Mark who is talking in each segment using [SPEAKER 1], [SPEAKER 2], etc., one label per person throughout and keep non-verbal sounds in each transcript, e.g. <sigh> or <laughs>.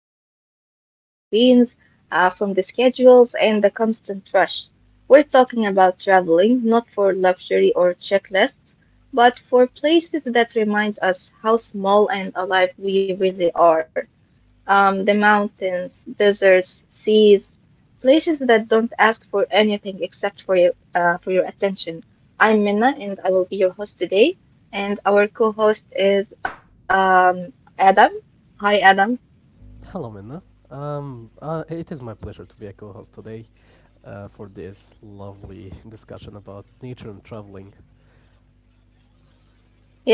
[SPEAKER 1] noise, away from the screens, from the schedules, and the constant rush. We're talking about traveling, not for luxury or checklists, but for places that remind us how small and alive we really are, the mountains, deserts, seas, places that don't ask for anything except for for your attention. I'm Minna and I will be your host today. And our co-host is Adam. Hi, Adam.
[SPEAKER 2] Hello, Minna. It is my pleasure to be a co-host today for this lovely discussion about nature and traveling.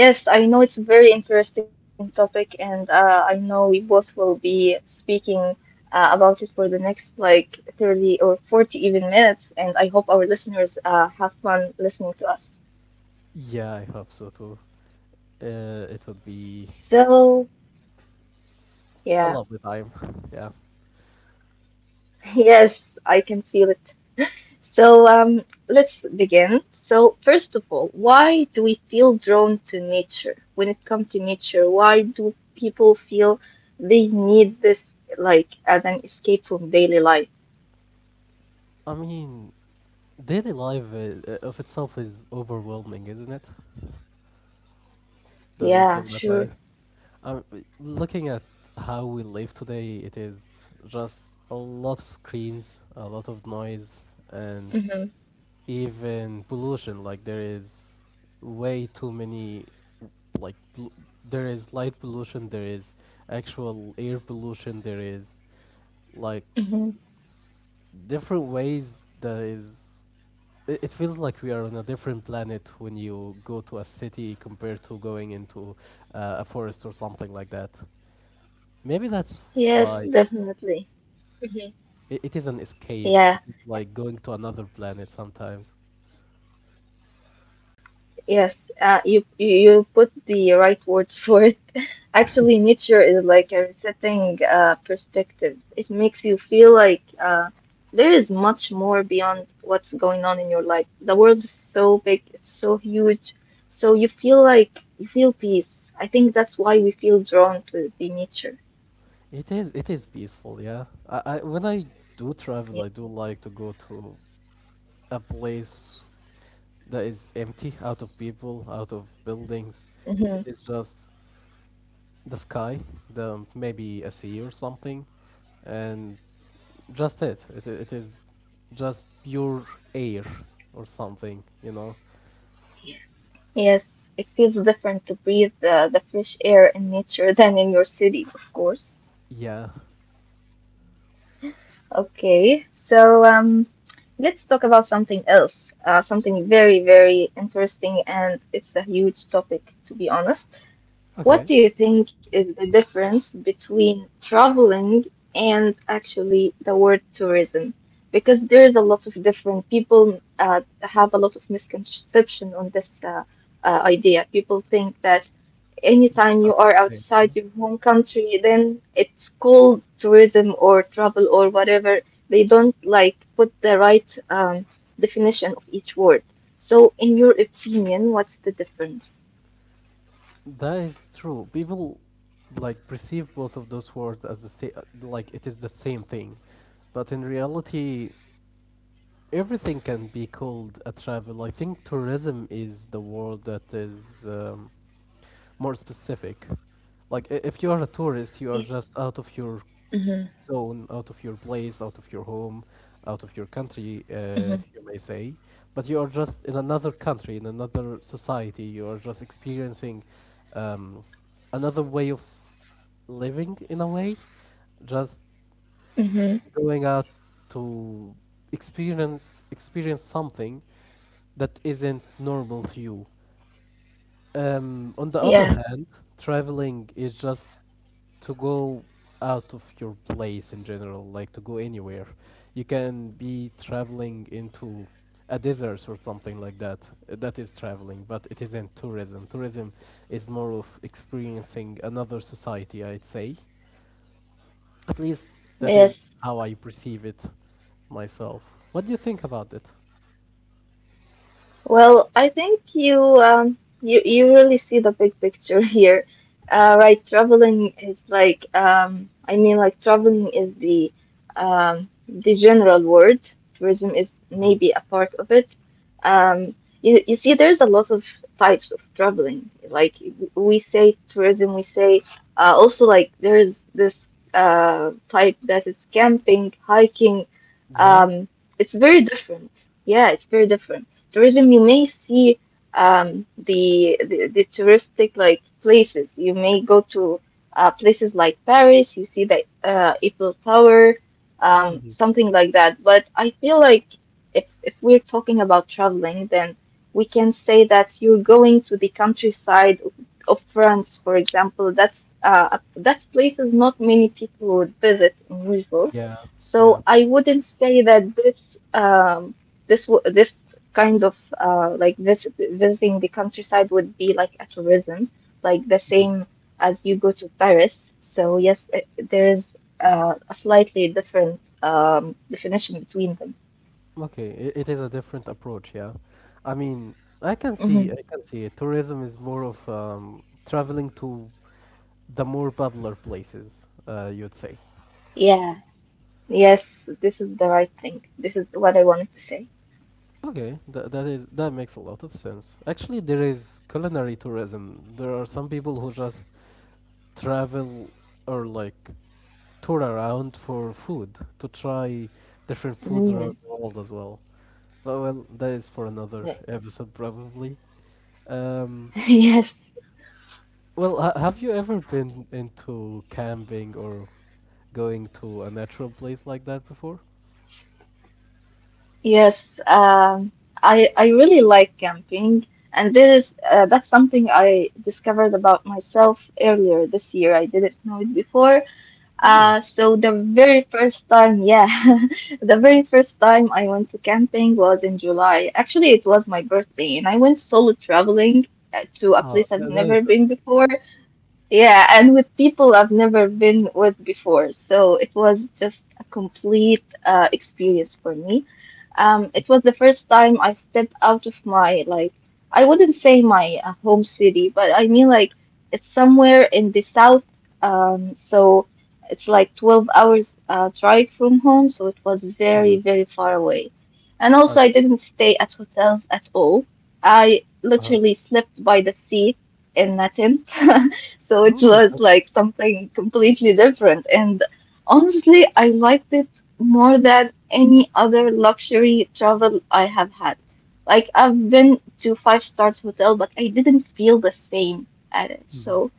[SPEAKER 1] Yes, I know it's a very interesting topic, and I know we both will be speaking about it for the next like 30 or 40 even minutes, and I hope our listeners have fun listening to us.
[SPEAKER 2] Yeah, I hope so too. It would be
[SPEAKER 1] So,
[SPEAKER 2] a
[SPEAKER 1] yeah.
[SPEAKER 2] lovely time. <laughs> Yeah.
[SPEAKER 1] Yes, I can feel it. So, let's begin. So, first of all, why do we feel drawn to nature? When it comes to nature, why do people feel they need this, like, as an escape from daily life?
[SPEAKER 2] I mean, daily life of itself is overwhelming, isn't it? Don't you
[SPEAKER 1] Yeah,
[SPEAKER 2] feel that
[SPEAKER 1] sure.
[SPEAKER 2] way? Um, looking at how we live today, it is just a lot of screens, a lot of noise, and
[SPEAKER 1] Mm-hmm.
[SPEAKER 2] even pollution. Like, there is way too many, like pol- there is light pollution, there is actual air pollution, there is like
[SPEAKER 1] Mm-hmm.
[SPEAKER 2] different ways that is, it feels like we are on a different planet when you go to a city compared to going into a forest or something like that. Maybe that's
[SPEAKER 1] Yes,
[SPEAKER 2] why
[SPEAKER 1] definitely. Mm-hmm.
[SPEAKER 2] it is an escape.
[SPEAKER 1] Yeah.
[SPEAKER 2] It is like going to another planet sometimes.
[SPEAKER 1] Yes, you put the right words <laughs> for it. Actually, nature is like a resetting perspective. It makes you feel like, there is much more beyond what's going on in your life. The world is so big, it's so huge, so you feel like you feel peace. I think that's why we feel drawn to the nature.
[SPEAKER 2] It is peaceful, yeah. I when I do
[SPEAKER 1] Yeah.
[SPEAKER 2] travel, I do like to go to a place that is empty, out of people, out of buildings.
[SPEAKER 1] Hmm.
[SPEAKER 2] It is just the sky, the maybe a sea or something, and just it. It is just pure air or something.
[SPEAKER 1] Yes, it feels different to breathe the fresh air in nature <laughs> than in your city, of course.
[SPEAKER 2] Yeah.
[SPEAKER 1] Okay, so, let's talk about something else, something very, very interesting, and it's a huge topic, to be honest.
[SPEAKER 2] Okay.
[SPEAKER 1] What do you think is the difference between traveling and actually the word tourism? Because there is a lot of different people have a lot of misconception on this, idea. People think that anytime
[SPEAKER 2] Both are
[SPEAKER 1] you
[SPEAKER 2] the
[SPEAKER 1] are
[SPEAKER 2] same. Yeah.
[SPEAKER 1] outside your home country, then it's called tourism or travel or whatever. They don't like put the right, definition of each word. So, in your opinion, what's the difference?
[SPEAKER 2] That is true. People like perceive both of those words as the same, like it is the same thing, but in reality, everything can be called a travel. I think tourism is the word that is more specific. Like, if you are a tourist, you are
[SPEAKER 1] Yeah.
[SPEAKER 2] just out of your zone, out of your place, out of your home, out of your country,
[SPEAKER 1] Hmm.
[SPEAKER 2] you may say, but you are just in another country, in another society. You are just experiencing um, another way of living in a way, just
[SPEAKER 1] Hmm.
[SPEAKER 2] going out to experience something that isn't normal to you. On the other
[SPEAKER 1] Yeah.
[SPEAKER 2] hand, traveling is just to go out of your place in general, like to go anywhere. You can be traveling into a desert or something like that. That is traveling, but it isn't tourism. Tourism is more of experiencing another society, I'd say. At least that is
[SPEAKER 1] Yes.
[SPEAKER 2] how I perceive it myself. What do you think about it?
[SPEAKER 1] Well, I think you really see the big picture <laughs> here. Right, traveling is like, I mean, like, traveling is the general word. Tourism is
[SPEAKER 2] Hmm.
[SPEAKER 1] maybe a part of it. um, you see, there's a lot of types of traveling. Like, we say tourism, we say, also, like, there's this, type that is camping, hiking.
[SPEAKER 2] Yeah.
[SPEAKER 1] Um, it's very different. Yeah, it's very different. Tourism, you may see, the touristic like places. You may go to, places like Paris. You see the, Eiffel Tower,
[SPEAKER 2] Hmm.
[SPEAKER 1] something like that. But I feel like, if we're talking about traveling, then we can say that you're going to the countryside of France, for example. That place is not many people would visit in usual.
[SPEAKER 2] Yeah.
[SPEAKER 1] So I
[SPEAKER 2] Yeah.
[SPEAKER 1] wouldn't say that this kind of, like, this visiting the countryside would be like a tourism, like the same as you go to Paris. So yes, there's, a slightly different, definition between them.
[SPEAKER 2] Okay, it is a different approach, yeah. I mean, I can see it. Tourism is more of traveling to the more popular places, you'd say.
[SPEAKER 1] Yeah, yes, this is the right thing. This is what I wanted to say.
[SPEAKER 2] Okay, that makes a lot of sense. Actually, there is culinary tourism. There are some people who just travel or like tour around for food to try different foods
[SPEAKER 1] Mm,
[SPEAKER 2] around the world as well. But well, that is for another
[SPEAKER 1] yeah.
[SPEAKER 2] episode probably. Um,
[SPEAKER 1] <laughs> Yes,
[SPEAKER 2] Well, have you ever been into camping or going to a natural place like that before?
[SPEAKER 1] yes. I really like camping, and this is that's something I discovered about myself earlier this year. I didn't know it before.
[SPEAKER 2] Oh,
[SPEAKER 1] So the very first time, yeah, <laughs> the very first time I went to camping was in July. Actually, it was my birthday, and I went solo traveling, to a
[SPEAKER 2] oh,
[SPEAKER 1] place I've
[SPEAKER 2] that
[SPEAKER 1] never
[SPEAKER 2] is amazing.
[SPEAKER 1] been before. Yeah, and with people I've never been with before. So it was just a complete, experience for me. It was the first time I stepped out of my, like, I wouldn't say my, home city, but I mean, like, it's somewhere in the south. So it's like 12 hours, drive from home, so it was very,
[SPEAKER 2] Hmm.
[SPEAKER 1] very far away. And
[SPEAKER 2] I
[SPEAKER 1] also I
[SPEAKER 2] mean,
[SPEAKER 1] didn't stay at hotels at all. I
[SPEAKER 2] uh,
[SPEAKER 1] literally slept by the sea in a tent. <laughs> So it
[SPEAKER 2] oh,
[SPEAKER 1] was
[SPEAKER 2] that's
[SPEAKER 1] like something completely different, and honestly I liked it more than any other luxury travel I have had. Like, I've been to five stars hotel, but I didn't feel the same at it.
[SPEAKER 2] mhm.
[SPEAKER 1] So,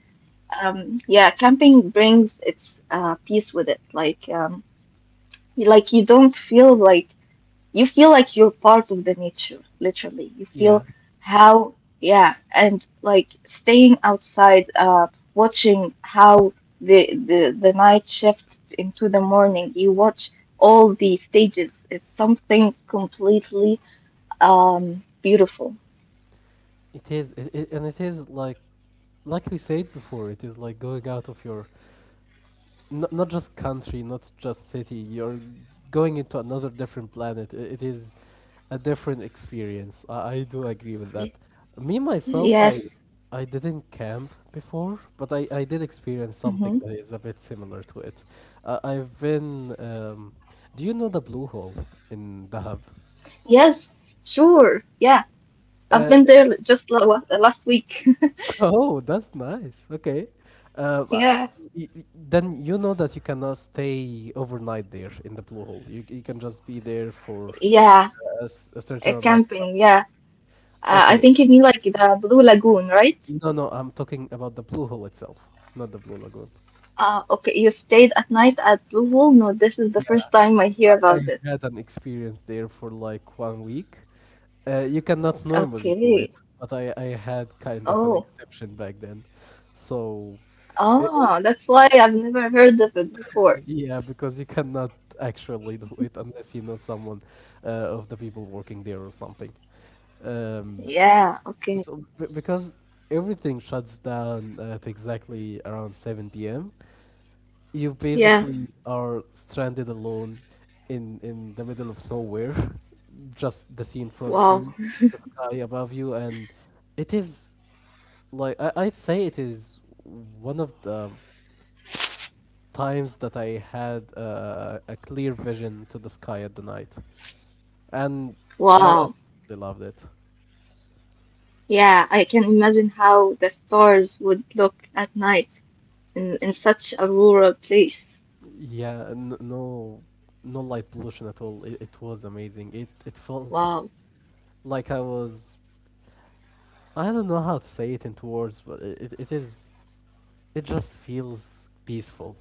[SPEAKER 1] yeah, camping brings its, peace with it. Like, like, you don't feel like you feel like you're part of the nature, literally. You feel
[SPEAKER 2] Yeah.
[SPEAKER 1] how, yeah, and like staying outside, watching how the night shift into the morning. You watch all these stages. It's something completely, beautiful.
[SPEAKER 2] It is, like we said before, it is like going out of your not, not just country, not just city. You're going into another different planet. It is a different experience. I do agree with that. Me myself, I
[SPEAKER 1] Yes.
[SPEAKER 2] I didn't camp before, but I did experience something
[SPEAKER 1] Hmm.
[SPEAKER 2] that is a bit similar to it. I've been. Do you know the Blue Hole in Dahab?
[SPEAKER 1] Yes, sure. Yeah, I've been
[SPEAKER 2] Uh,
[SPEAKER 1] there just, last week. <laughs>
[SPEAKER 2] Oh, that's nice. Okay. But
[SPEAKER 1] Yeah,
[SPEAKER 2] y- y- then you know that you cannot stay overnight there in the Blue Hole. You can just be there for
[SPEAKER 1] yeah,
[SPEAKER 2] a certain amount of
[SPEAKER 1] camping.
[SPEAKER 2] time.
[SPEAKER 1] Yeah. I
[SPEAKER 2] Okay.
[SPEAKER 1] think you mean like the Blue Lagoon, right?
[SPEAKER 2] No, no, I'm talking about the Blue Hole itself, not the Blue Lagoon.
[SPEAKER 1] Okay, you stayed at night at Blue Hole? No, this is the first
[SPEAKER 2] Yeah,
[SPEAKER 1] time I hear about this.
[SPEAKER 2] I had an experience there for like one week. You cannot normally do
[SPEAKER 1] Okay.
[SPEAKER 2] it, but I had kind of an
[SPEAKER 1] Oh,
[SPEAKER 2] exception back then. So. It.
[SPEAKER 1] oh, that's why I've never heard of it before.
[SPEAKER 2] Yeah, because you cannot actually do it unless you know someone of the people working there or something. Um,
[SPEAKER 1] Yeah,
[SPEAKER 2] s-
[SPEAKER 1] okay.
[SPEAKER 2] so because everything shuts down at exactly around 7 p.m., you
[SPEAKER 1] Yeah,
[SPEAKER 2] basically are stranded alone in the middle of nowhere, <laughs> just the sea in front of
[SPEAKER 1] wow,
[SPEAKER 2] you, the sky above you, and it is like, I'd say, it is one of the times that I had a clear vision to the sky at the night, and I
[SPEAKER 1] wow.
[SPEAKER 2] absolutely loved it.
[SPEAKER 1] Yeah, I can imagine how the stars would look at night in such a rural place.
[SPEAKER 2] Yeah, no, no light pollution at all. It was amazing. It felt
[SPEAKER 1] Wow.
[SPEAKER 2] like I was. I don't know how to say it into words, but it is. It just feels peaceful.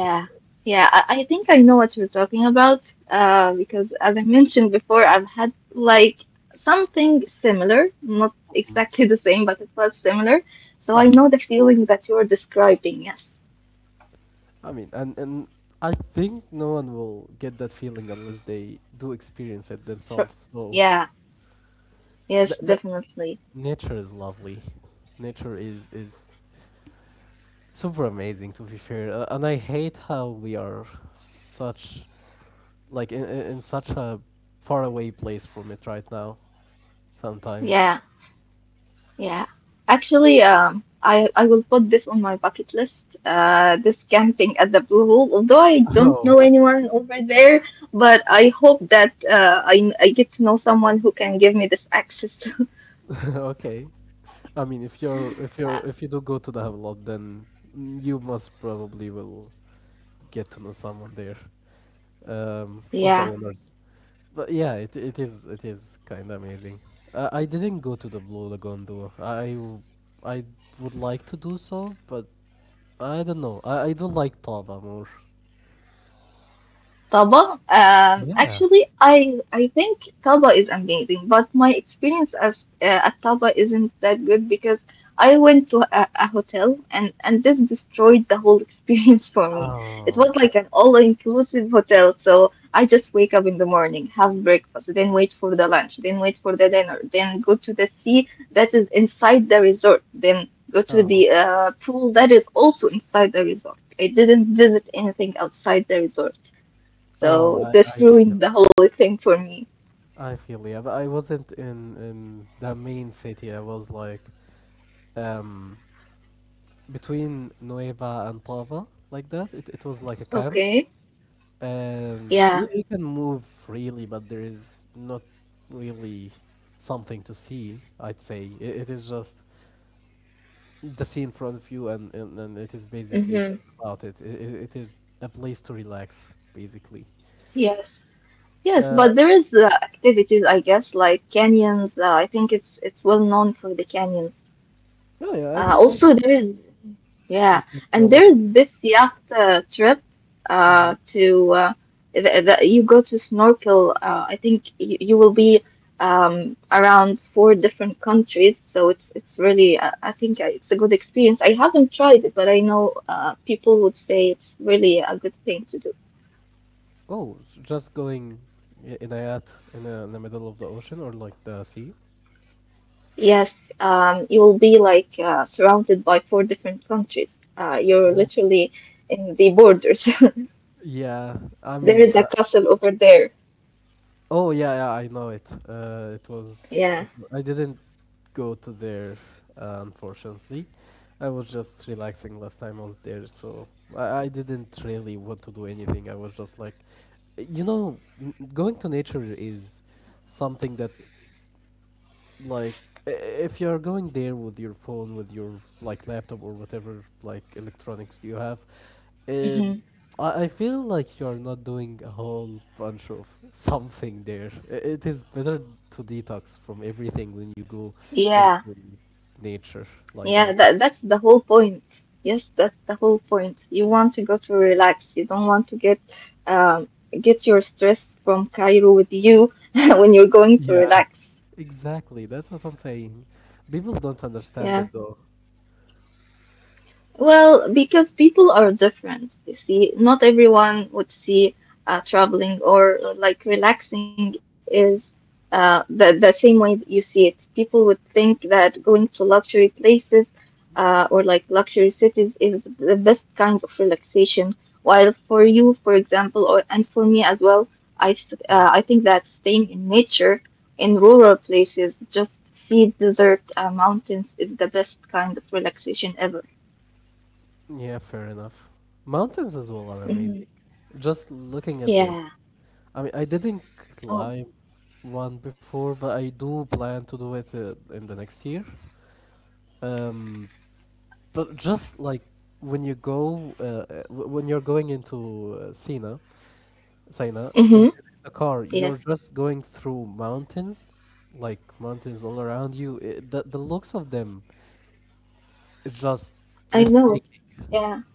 [SPEAKER 2] I'd say.
[SPEAKER 1] yeah, I think I know what you're talking about. Because as I mentioned before, I've had like something similar, not
[SPEAKER 2] Hmm.
[SPEAKER 1] exactly the same, but it was similar. So I
[SPEAKER 2] Hmm.
[SPEAKER 1] know the feeling that you're describing. Yes,
[SPEAKER 2] I mean, and I think no one will get that feeling unless they do experience it
[SPEAKER 1] sure.
[SPEAKER 2] themselves. So
[SPEAKER 1] Yeah, yes,
[SPEAKER 2] that, that
[SPEAKER 1] definitely.
[SPEAKER 2] Nature is lovely. Nature is super amazing to be fair, and I hate how we are such like in such a far away place from it right now. Sometimes.
[SPEAKER 1] Yeah. Yeah, actually, I will put this on my bucket list. This camping at the Blue Hole. Although I don't
[SPEAKER 2] Oh.
[SPEAKER 1] know anyone over there, but I hope that, I get to know someone who can give me this access. <laughs>
[SPEAKER 2] <laughs> Okay. I mean, if you do go to the Havelock, then you must probably will get to know someone there, of
[SPEAKER 1] Yeah.
[SPEAKER 2] the owners. But yeah, it is kind of amazing. I didn't go to the Blue Lagoon though. I would like to do so, but I don't know. I don't like Taba more.
[SPEAKER 1] Taba,
[SPEAKER 2] Yeah.
[SPEAKER 1] actually, I think Taba is amazing, but my experience as at Taba isn't that good because I went to a hotel, and this destroyed the whole experience <laughs> for me. It
[SPEAKER 2] Oh,
[SPEAKER 1] was like
[SPEAKER 2] that's,
[SPEAKER 1] an all-inclusive hotel, so I just wake up in the morning, have breakfast, then wait for the lunch, then wait for the dinner, then go to the sea that is inside the resort, then go to the,
[SPEAKER 2] oh,
[SPEAKER 1] pool that is also inside the resort. I didn't visit anything outside the resort.
[SPEAKER 2] oh,
[SPEAKER 1] So
[SPEAKER 2] I
[SPEAKER 1] this
[SPEAKER 2] feel,
[SPEAKER 1] ruined the whole thing for me.
[SPEAKER 2] yeah, but I wasn't in the main city. I was like um between Nueva and Taba like that. It was like a camp.
[SPEAKER 1] Okay.
[SPEAKER 2] and
[SPEAKER 1] Yeah.
[SPEAKER 2] you, you can move freely, but there is not really something to see. I'd say it, it is just the sea in front of you, and it is basically
[SPEAKER 1] Mm-hmm.
[SPEAKER 2] just about it. It is a place to relax, basically.
[SPEAKER 1] Yes. Yes,
[SPEAKER 2] Uh,
[SPEAKER 1] but there is, activities, I guess, like canyons. I think it's well known for the canyons.
[SPEAKER 2] no, yeah, I think
[SPEAKER 1] Also, there is yeah,
[SPEAKER 2] you can do a
[SPEAKER 1] and
[SPEAKER 2] lot of.
[SPEAKER 1] there's this yacht, trip,
[SPEAKER 2] Mhm.
[SPEAKER 1] to th th you go to snorkel. I think you will be, around four different countries, so it's really, I think, it's a good experience. I haven't tried it, but I know, people would say it's really a good thing to do.
[SPEAKER 2] Oh, just going in a yacht, in the middle of the ocean or like the sea.
[SPEAKER 1] Yes, you will be like, surrounded by four different countries. You're
[SPEAKER 2] Oh.
[SPEAKER 1] literally in the borders. <laughs>
[SPEAKER 2] Yeah, I
[SPEAKER 1] There
[SPEAKER 2] mean,
[SPEAKER 1] is a castle over there.
[SPEAKER 2] oh yeah, yeah, I know it. It was,
[SPEAKER 1] Yeah.
[SPEAKER 2] I didn't go to there, unfortunately. I was just relaxing last time I was there, so I didn't really want to do anything. I was just like, going to nature is something that like, if you're going there with your phone with your like laptop or whatever like electronics you have. uh,
[SPEAKER 1] Hmm.
[SPEAKER 2] I, I feel like you're not doing a whole bunch of <laughs> something there. It is better to detox from everything when you go
[SPEAKER 1] Yeah.
[SPEAKER 2] into nature like that.
[SPEAKER 1] Yeah, that's the whole point. Yes, that's the whole point. You want to go to relax. You don't want to um get your stress from Cairo with you <laughs> when you're going to
[SPEAKER 2] Yeah,
[SPEAKER 1] relax.
[SPEAKER 2] exactly, that's what I'm saying. People don't understand
[SPEAKER 1] Yeah.
[SPEAKER 2] it though.
[SPEAKER 1] Well, because people are different, you see, not everyone would see, traveling or, like, relaxing is, the same way that you see it. People would think that going to luxury places, or like luxury cities, is the best kind of relaxation. While for you, for example, or and for me as well,
[SPEAKER 2] Mhm.
[SPEAKER 1] I think that staying in nature, in rural places, just sea, desert, mountains, is the best kind of relaxation ever.
[SPEAKER 2] Yeah, fair enough. Mountains as well are amazing, just looking at them.
[SPEAKER 1] Yeah.
[SPEAKER 2] I mean, I didn't
[SPEAKER 1] Oh.
[SPEAKER 2] climb one before, but I do plan to do it in the next year. Um, but just like when you go, when you're going into Sina, in,
[SPEAKER 1] Mm-hmm.
[SPEAKER 2] in the car, you're
[SPEAKER 1] Yes.
[SPEAKER 2] just going through mountains, like mountains all around you. The looks of them is just
[SPEAKER 1] I know.
[SPEAKER 2] breathtaking.
[SPEAKER 1] Yeah.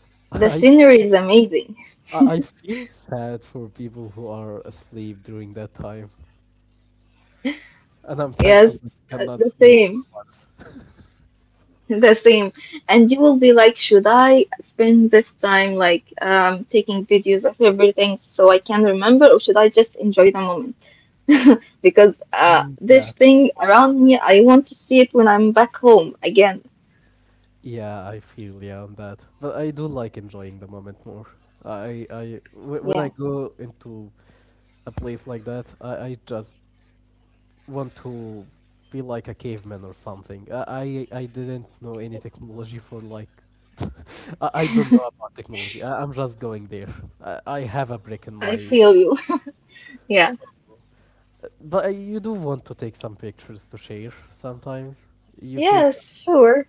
[SPEAKER 2] <laughs>
[SPEAKER 1] The
[SPEAKER 2] I, I
[SPEAKER 1] scenery is amazing.
[SPEAKER 2] I feel sad for people who are asleep during that time, and I'm
[SPEAKER 1] Yes.
[SPEAKER 2] thankful that I cannot
[SPEAKER 1] The
[SPEAKER 2] sleep for
[SPEAKER 1] same.
[SPEAKER 2] once. <laughs>
[SPEAKER 1] The same. And you will be like, should I spend this time like, taking videos of everything so I can remember, or should I just enjoy the moment? <laughs> Because,
[SPEAKER 2] Mm,
[SPEAKER 1] this
[SPEAKER 2] yeah,
[SPEAKER 1] thing around me, I want to see it when I'm back home again.
[SPEAKER 2] yeah, I feel yeah on that, but I do like enjoying the moment more. When
[SPEAKER 1] Yeah.
[SPEAKER 2] I go into a place like that, I just want to be like a caveman or something. I didn't know any technology for like <laughs> I don't know about technology. I'm just going there. I have a brick in
[SPEAKER 1] I
[SPEAKER 2] my
[SPEAKER 1] feel you. <laughs> Yeah.
[SPEAKER 2] so, but I, you do want to take some pictures to share sometimes. You feel like,
[SPEAKER 1] Yes, sure.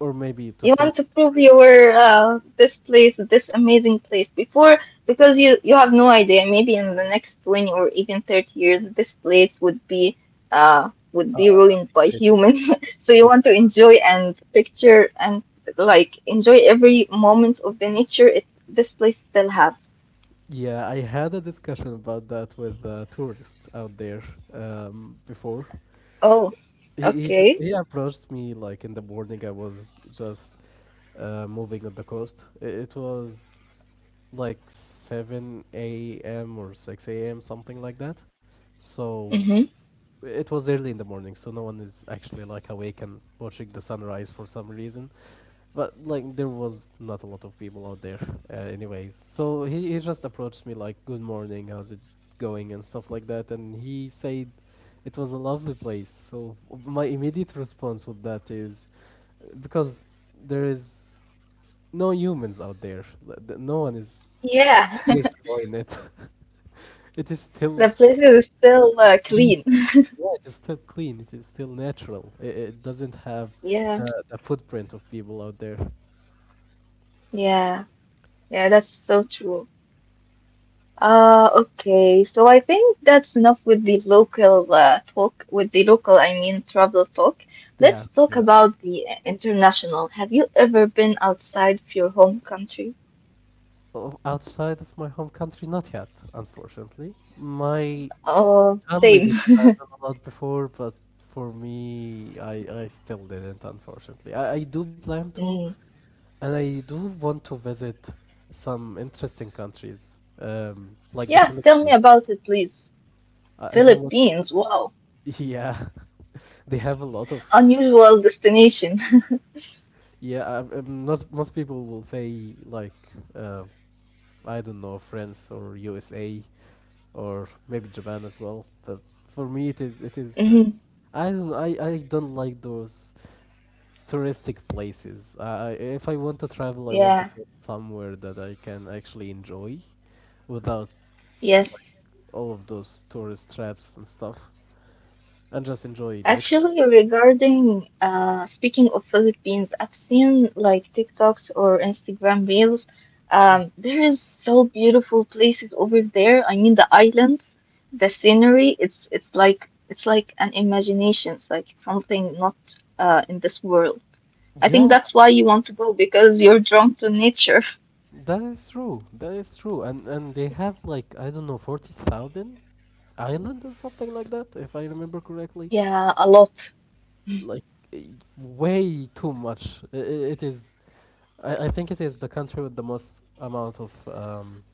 [SPEAKER 2] or maybe to
[SPEAKER 1] You
[SPEAKER 2] save
[SPEAKER 1] want to
[SPEAKER 2] the
[SPEAKER 1] prove
[SPEAKER 2] memory.
[SPEAKER 1] your this amazing place before, because you have no idea, maybe in the next 20 or even 30 years this place would be uh would
[SPEAKER 2] Uh,
[SPEAKER 1] be
[SPEAKER 2] a
[SPEAKER 1] ruined
[SPEAKER 2] big
[SPEAKER 1] by
[SPEAKER 2] city.
[SPEAKER 1] humans, <laughs> so you
[SPEAKER 2] Yeah,
[SPEAKER 1] want to enjoy and picture and, like, enjoy every moment of the nature it this place still have.
[SPEAKER 2] yeah. I had a discussion about that with a tourist out there before.
[SPEAKER 1] Oh.
[SPEAKER 2] He
[SPEAKER 1] Okay.
[SPEAKER 2] approached me like in the morning. I was just moving on the coast. It was like 7 a.m. or 6 a.m. something like that. So
[SPEAKER 1] Mm-hmm.
[SPEAKER 2] it was early in the morning, so no one is actually like awake and watching the sunrise for some reason. But like there was not a lot of people out there, anyways. So he just approached me like, "Good morning, how's it going?" and stuff like that. And he said, "It was a lovely place." So my immediate response with that is, because there is no humans out there. Like, no one is
[SPEAKER 1] Yeah.
[SPEAKER 2] here to ruin it. <laughs> It is
[SPEAKER 1] <laughs> The
[SPEAKER 2] still,
[SPEAKER 1] place is still, clean. <laughs>
[SPEAKER 2] yeah, it is still clean. It is still natural. It doesn't have
[SPEAKER 1] Yeah,
[SPEAKER 2] the footprint of people out there.
[SPEAKER 1] yeah, yeah, that's so true. Okay. So I think that's enough with the local, talk, with the local, I mean, travel talk.
[SPEAKER 2] Yeah,
[SPEAKER 1] Let's talk
[SPEAKER 2] yeah.
[SPEAKER 1] about the, international. Have you ever been outside of your home country?
[SPEAKER 2] Outside of my home country, not yet, unfortunately. My
[SPEAKER 1] Oh,
[SPEAKER 2] family
[SPEAKER 1] same.
[SPEAKER 2] did
[SPEAKER 1] <laughs>
[SPEAKER 2] travel a lot before, but for me, I still didn't, unfortunately. I do plan to,
[SPEAKER 1] Mm.
[SPEAKER 2] and I do want to visit some interesting countries, like the
[SPEAKER 1] Yeah, tell me
[SPEAKER 2] Philippines.
[SPEAKER 1] about it, please.
[SPEAKER 2] I, I do want,
[SPEAKER 1] Philippines, wow.
[SPEAKER 2] <laughs> yeah, <laughs> they have a lot of,
[SPEAKER 1] Unusual destination.
[SPEAKER 2] yeah, most people will say, I don't know, France or USA, or maybe Japan as well. But for me, it is it
[SPEAKER 1] <laughs>
[SPEAKER 2] is.
[SPEAKER 1] Mhm.
[SPEAKER 2] I don't like those touristic places. I If I want to travel, I want to
[SPEAKER 1] Yeah,
[SPEAKER 2] go somewhere that I can actually enjoy without like
[SPEAKER 1] yes.
[SPEAKER 2] all of those tourist traps and stuff, and just enjoy nature
[SPEAKER 1] Actually,
[SPEAKER 2] as it
[SPEAKER 1] regarding speaking of Philippines, I've seen like TikToks or Instagram reels.
[SPEAKER 2] is. Mm.
[SPEAKER 1] There is so beautiful places over there. I mean, the islands, the scenery. It's like an imagination. It's like something not in this world. I think
[SPEAKER 2] Yeah,
[SPEAKER 1] that's why you want to go because you're drawn to nature. <laughs>
[SPEAKER 2] that is true. That is true. And they have, like, I don't know, 40,000 island or something like that, if I remember correctly.
[SPEAKER 1] Yeah, a lot.
[SPEAKER 2] Like eh, way too much. I- It is. I think it is the country with the most amount of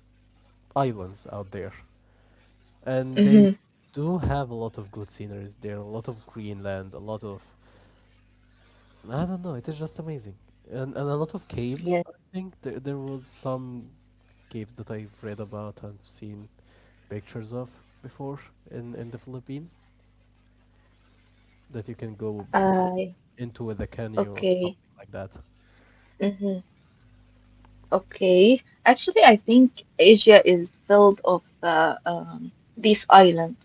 [SPEAKER 2] islands out there, and
[SPEAKER 1] Mm-hmm.
[SPEAKER 2] they do have a lot of good sceneries there. A lot of Greenland. A lot of I don't know. It is just amazing, and a lot of
[SPEAKER 1] Yeah.
[SPEAKER 2] caves. I think there was some caves that I've read about and seen pictures of before in the Philippines that you can go
[SPEAKER 1] I
[SPEAKER 2] into with a canoe or
[SPEAKER 1] okay.
[SPEAKER 2] something like that.
[SPEAKER 1] Mhm. Okay. Actually, I think Asia is filled of the these islands,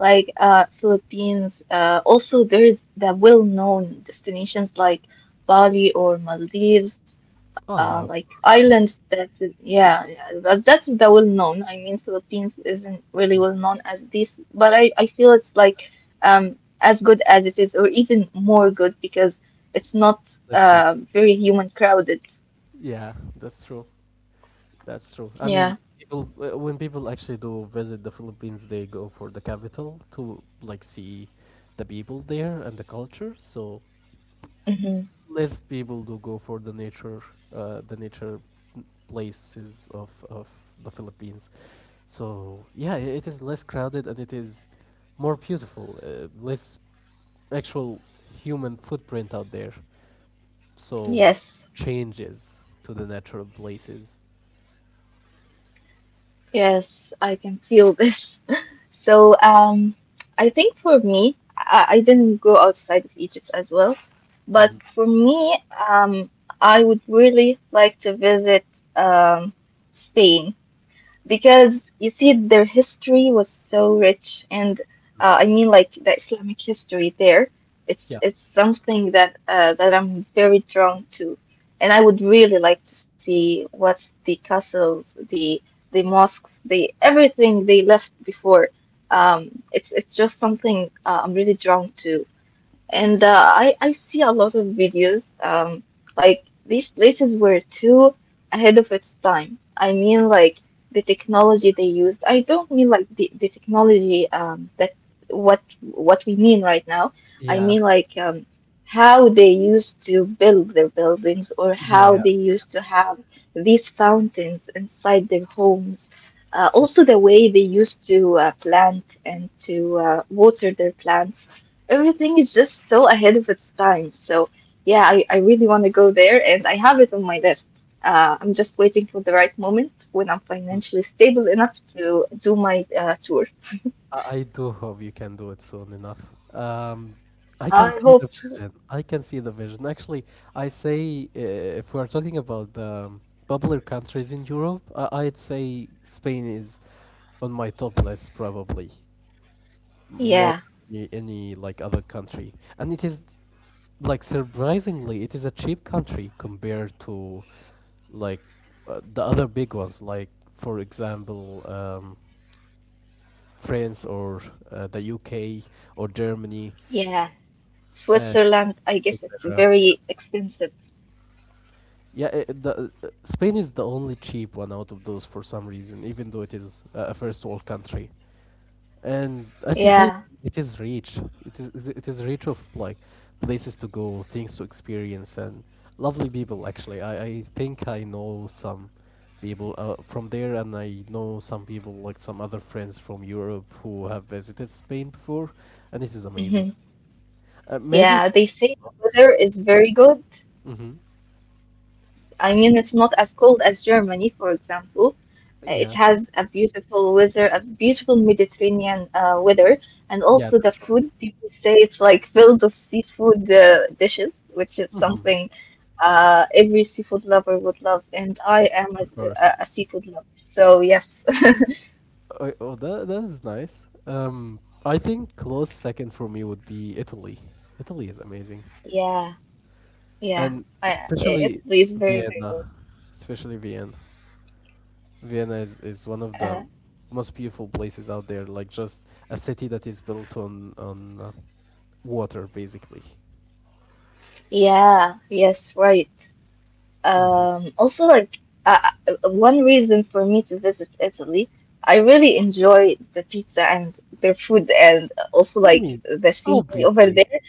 [SPEAKER 1] like Philippines. Also, there's the well-known destinations like Bali or Maldives,
[SPEAKER 2] Oh yeah,
[SPEAKER 1] like islands that yeah, yeah, that's the well-known. I mean, Philippines isn't really
[SPEAKER 2] mm.
[SPEAKER 1] well-known as this, but I feel it's like as good as it is, or even more good because it's not
[SPEAKER 2] Less people.
[SPEAKER 1] very human crowded.
[SPEAKER 2] Yeah, that's true. That's true. I
[SPEAKER 1] Yeah.
[SPEAKER 2] mean, people when people actually do visit the Philippines, they go for the capital to, like, see the people there and the culture. So
[SPEAKER 1] Mm-hmm.
[SPEAKER 2] less people do go for the nature, uh, the nature places of the Philippines. So yeah, it is less crowded and it is more beautiful. Less actual human footprint out there. So
[SPEAKER 1] Yes,
[SPEAKER 2] changes to the natural places.
[SPEAKER 1] yes, I can feel this. <laughs> So, I think for me, I didn't go outside of Egypt as well, but
[SPEAKER 2] Mhm.
[SPEAKER 1] for me, um, I would really like to visit um, Spain, because you see their history was so rich, and I mean like the Islamic history there, it's
[SPEAKER 2] Yeah,
[SPEAKER 1] it's something that that I'm very drawn to, and I would really like to see what's the castles, the mosques, the everything they left before. It's just something I'm really drawn to, and I see a lot of videos like these places were too ahead of its time. I mean like the technology
[SPEAKER 2] yeah,
[SPEAKER 1] they used. I don't mean like the technology that what we mean right now. I
[SPEAKER 2] yeah,
[SPEAKER 1] mean like how they used to build their buildings or
[SPEAKER 2] yeah.
[SPEAKER 1] how
[SPEAKER 2] Yeah.
[SPEAKER 1] they used to have these fountains inside their homes. Also the way they used to plant and to water their plants, everything is just so ahead of its time. So yeah, I really want to go there and I have it on my list. I'm just waiting for the right moment when I'm
[SPEAKER 2] Mm.
[SPEAKER 1] financially stable enough to do my tour.
[SPEAKER 2] I do hope you can do it soon enough. I can
[SPEAKER 1] I
[SPEAKER 2] see the
[SPEAKER 1] hope to.
[SPEAKER 2] vision. I can see the vision. Actually, I say if we're talking about the popular countries in Europe, I'd say Spain is on my top list, probably more
[SPEAKER 1] Yeah,
[SPEAKER 2] than any like other country. And it is, like, surprisingly, it is a cheap country compared to like the other big ones, like, for example, um, France or the UK or Germany,
[SPEAKER 1] yeah.
[SPEAKER 2] uh,
[SPEAKER 1] Switzerland, I guess it's
[SPEAKER 2] etc.
[SPEAKER 1] very expensive.
[SPEAKER 2] Spain is the only cheap one out of those for some reason, even though it is a first world country. And as you say,
[SPEAKER 1] Yeah.
[SPEAKER 2] it is rich. It is rich of, like, places to go, things to experience, and lovely people. Actually, I think I know some people from there, and I know some people, like some other friends from Europe who have visited Spain before, and it is amazing.
[SPEAKER 1] Hmm.
[SPEAKER 2] Maybe it
[SPEAKER 1] Yeah, they say the weather
[SPEAKER 2] was.
[SPEAKER 1] is very good.
[SPEAKER 2] Mhm.
[SPEAKER 1] I mean, it's not as cold as Germany, for example. It
[SPEAKER 2] Yeah,
[SPEAKER 1] has a beautiful weather, a beautiful Mediterranean weather, and
[SPEAKER 2] yeah,
[SPEAKER 1] also the
[SPEAKER 2] that's wrong.
[SPEAKER 1] food. People say it's like <laughs> filled of seafood dishes, which is
[SPEAKER 2] Mhm.
[SPEAKER 1] something every seafood lover would love, and I am
[SPEAKER 2] Of course.
[SPEAKER 1] a seafood lover. So yes,
[SPEAKER 2] Oh, that is nice. I think close second for me would be Italy. Italy is amazing,
[SPEAKER 1] <laughs> yeah, yeah,
[SPEAKER 2] and
[SPEAKER 1] I, it, it's very, very
[SPEAKER 2] Vienna,
[SPEAKER 1] good.
[SPEAKER 2] especially Vienna. Vienna is one of the
[SPEAKER 1] Uh,
[SPEAKER 2] most beautiful places out there. Like, just a city that is built on water, basically.
[SPEAKER 1] yeah, yes, right.
[SPEAKER 2] Mhm.
[SPEAKER 1] Also, like uh, one reason for me to visit Italy, I really enjoy the pizza and their food, and also
[SPEAKER 2] I
[SPEAKER 1] like
[SPEAKER 2] mean,
[SPEAKER 1] the scenery over
[SPEAKER 2] obviously,
[SPEAKER 1] there.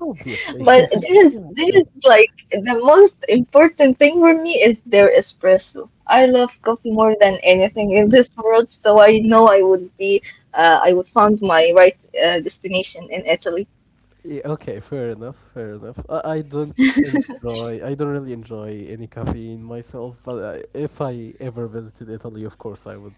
[SPEAKER 2] obviously,
[SPEAKER 1] But
[SPEAKER 2] <laughs>
[SPEAKER 1] there is
[SPEAKER 2] who
[SPEAKER 1] there is
[SPEAKER 2] wouldn't?
[SPEAKER 1] like the most important thing for me is their espresso. I love coffee more than anything in this world, so I know I would be I would find my right destination in Italy.
[SPEAKER 2] Yeah, okay, fair enough, fair enough. I don't really enjoy any caffeine myself, but I, if I ever visited Italy, of course, I would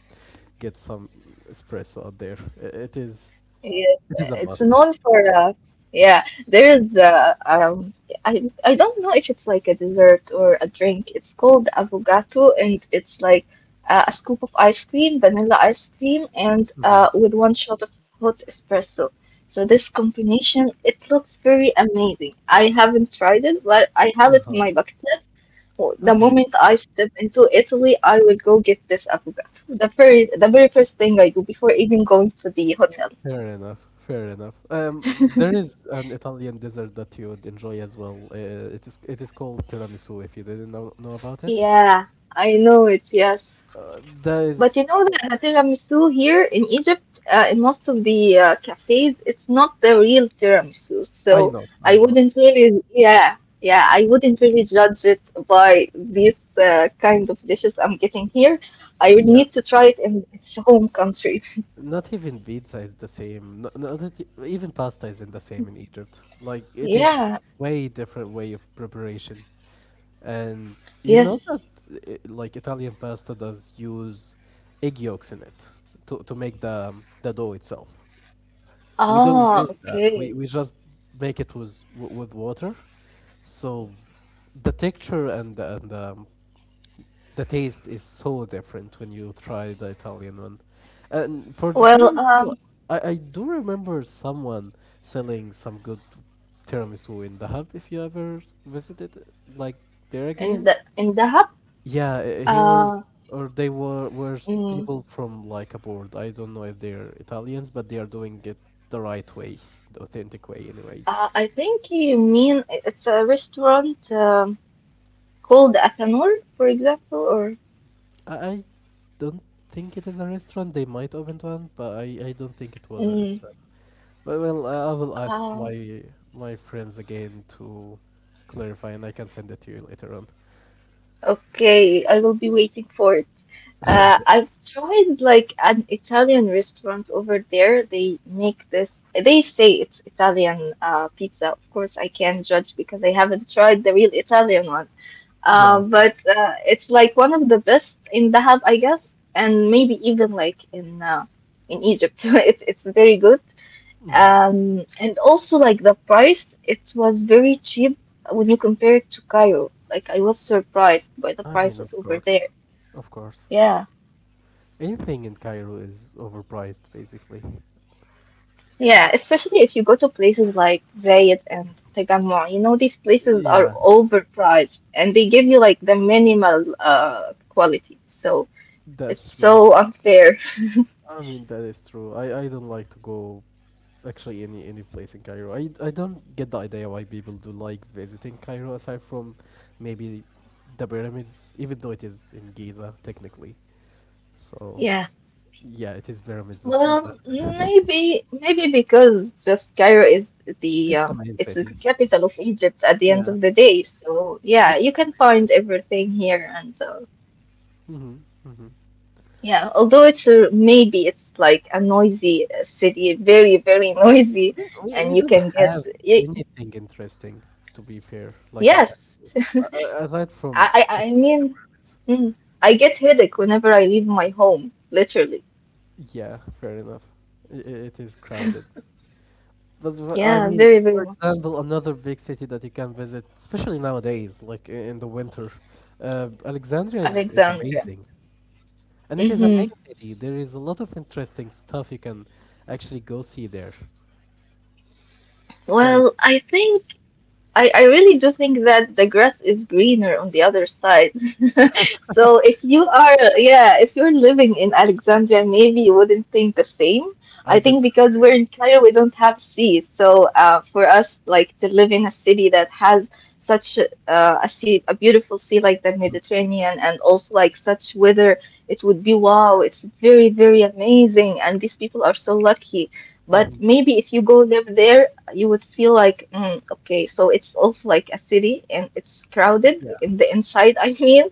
[SPEAKER 2] get some espresso out there.
[SPEAKER 1] Yeah,
[SPEAKER 2] It is a
[SPEAKER 1] it's
[SPEAKER 2] must.
[SPEAKER 1] known for yeah. There's I don't know if it's like a dessert or a drink. It's called avocado, and it's like a scoop of ice cream, vanilla ice cream, and
[SPEAKER 2] Hmm.
[SPEAKER 1] with one shot of hot espresso. So this combination, it looks very amazing. I haven't tried it, but I have it
[SPEAKER 2] Uh-huh.
[SPEAKER 1] in my bucket list. Well, the
[SPEAKER 2] Okay,
[SPEAKER 1] moment I step into Italy, I will go get this avocado. The very first thing I do before even going to the hotel.
[SPEAKER 2] fair enough, fair enough. There is an Italian dessert that you would enjoy as well. It is called tiramisu, if you didn't know about it.
[SPEAKER 1] Yeah, I know it, yes.
[SPEAKER 2] Uh, that
[SPEAKER 1] But you
[SPEAKER 2] is,
[SPEAKER 1] know that the tiramisu here in Egypt, in most of the cafes, it's not the real tiramisu.
[SPEAKER 2] I
[SPEAKER 1] So
[SPEAKER 2] know,
[SPEAKER 1] I
[SPEAKER 2] I know.
[SPEAKER 1] wouldn't really, yeah, yeah, I wouldn't really judge it by these kind of dishes I'm getting here. I would
[SPEAKER 2] Yeah.
[SPEAKER 1] need to try it in its home country.
[SPEAKER 2] Not even pizza is the same. Not, not that y- even pasta isn't the same in Egypt. Like, it is
[SPEAKER 1] Yeah,
[SPEAKER 2] way different way of preparation. And you know
[SPEAKER 1] yes.
[SPEAKER 2] that Italian pasta does use egg yolks in it to make the dough itself. We don't
[SPEAKER 1] Ah,
[SPEAKER 2] use that. We
[SPEAKER 1] okay.
[SPEAKER 2] we just make it with with water. So the texture and the taste is so different when you try the Italian one. And for the
[SPEAKER 1] Well,
[SPEAKER 2] tiramisu, I do remember someone selling some good tiramisu in the hub. If you ever visited like there
[SPEAKER 1] in
[SPEAKER 2] again.
[SPEAKER 1] the in Dahab,
[SPEAKER 2] Yeah, he was
[SPEAKER 1] uh,
[SPEAKER 2] or they were
[SPEAKER 1] mm,
[SPEAKER 2] people from like abroad. I don't know if they're Italians, but they are doing it the right way, the authentic way anyways.
[SPEAKER 1] I think you mean it's a restaurant called Athanor, for example, or
[SPEAKER 2] I don't think it is a restaurant. They might open one, but I don't think it was a
[SPEAKER 1] mm,
[SPEAKER 2] restaurant. But well, I will ask
[SPEAKER 1] uh,
[SPEAKER 2] my friends again to clarify, and I can send it to you later on.
[SPEAKER 1] okay, I will be waiting for it.
[SPEAKER 2] <laughs> Okay.
[SPEAKER 1] I've tried like an Italian restaurant over there. They make this, they say it's Italian pizza. Of course, I can't judge because I haven't tried the real Italian one.
[SPEAKER 2] Yeah, of
[SPEAKER 1] Uh,
[SPEAKER 2] course.
[SPEAKER 1] but uh, it's like one of the best in Dahab, I guess, and maybe even like in Egypt. <laughs> It's very good.
[SPEAKER 2] Hmm.
[SPEAKER 1] And also like the price, it was very cheap when you compare it to Cairo. Like I was surprised by the
[SPEAKER 2] I mean,
[SPEAKER 1] prices
[SPEAKER 2] of
[SPEAKER 1] over
[SPEAKER 2] course,
[SPEAKER 1] there.
[SPEAKER 2] of course.
[SPEAKER 1] Yeah.
[SPEAKER 2] Anything in Cairo is overpriced, basically.
[SPEAKER 1] Yeah, especially if you go to places like Zayed and Tagamwa, you know, these places are
[SPEAKER 2] Yeah,
[SPEAKER 1] overpriced and they give you like the minimal quality. So it's
[SPEAKER 2] that's true.
[SPEAKER 1] so unfair. <laughs>
[SPEAKER 2] I mean, that is true. I don't like to go actually any place in Cairo. I don't get the idea why people do like visiting Cairo aside from maybe the pyramids, even though it is in Giza technically. So
[SPEAKER 1] Yeah.
[SPEAKER 2] yeah, it is pyramids of Giza.
[SPEAKER 1] Well, maybe maybe because just Cairo is the
[SPEAKER 2] It's the main
[SPEAKER 1] it's the
[SPEAKER 2] city.
[SPEAKER 1] capital of Egypt at the end
[SPEAKER 2] Yeah,
[SPEAKER 1] of the day. So yeah,
[SPEAKER 2] it's
[SPEAKER 1] you
[SPEAKER 2] the
[SPEAKER 1] can
[SPEAKER 2] main city.
[SPEAKER 1] find everything here, and
[SPEAKER 2] Mm-hmm. Mm-hmm.
[SPEAKER 1] yeah, although it's a, maybe it's like a noisy city, very very <laughs> noisy,
[SPEAKER 2] We, we
[SPEAKER 1] and you
[SPEAKER 2] don't
[SPEAKER 1] can get
[SPEAKER 2] have
[SPEAKER 1] y
[SPEAKER 2] anything interesting, to be fair, like in Cairo.
[SPEAKER 1] yes,
[SPEAKER 2] Aside from,
[SPEAKER 1] I I,
[SPEAKER 2] I
[SPEAKER 1] I
[SPEAKER 2] mean, the
[SPEAKER 1] mean,
[SPEAKER 2] pyramids.
[SPEAKER 1] mm, I get headache whenever I leave my home, literally.
[SPEAKER 2] Yeah, fair enough. I- i- it is crowded. But I
[SPEAKER 1] Yeah,
[SPEAKER 2] mean,
[SPEAKER 1] very very
[SPEAKER 2] for
[SPEAKER 1] much.
[SPEAKER 2] example, another big city that you can visit, especially nowadays, like in the winter, Alexandria is
[SPEAKER 1] Alexandria.
[SPEAKER 2] amazing. And it is
[SPEAKER 1] Mm-hmm.
[SPEAKER 2] a main city. There is a lot of interesting stuff you can actually go see there. So
[SPEAKER 1] Well, I think. I really do think that the grass is greener on the other side. <laughs> So if you are, yeah, if you're living in Alexandria, maybe you wouldn't think the same. I
[SPEAKER 2] I
[SPEAKER 1] think
[SPEAKER 2] did live
[SPEAKER 1] because
[SPEAKER 2] there.
[SPEAKER 1] we're in Cairo, we don't have sea. So for us, like to live in a city that has such a sea, a beautiful sea like the
[SPEAKER 2] Mm.
[SPEAKER 1] Mediterranean, and also like such weather, it would be wow.
[SPEAKER 2] Yeah.
[SPEAKER 1] It's very, very amazing, and these people are so lucky. But
[SPEAKER 2] Mhm.
[SPEAKER 1] maybe if you go live there, you would feel like, mm, okay, so it's also like a city and it's crowded
[SPEAKER 2] Yeah.
[SPEAKER 1] in the inside, <laughs> I mean.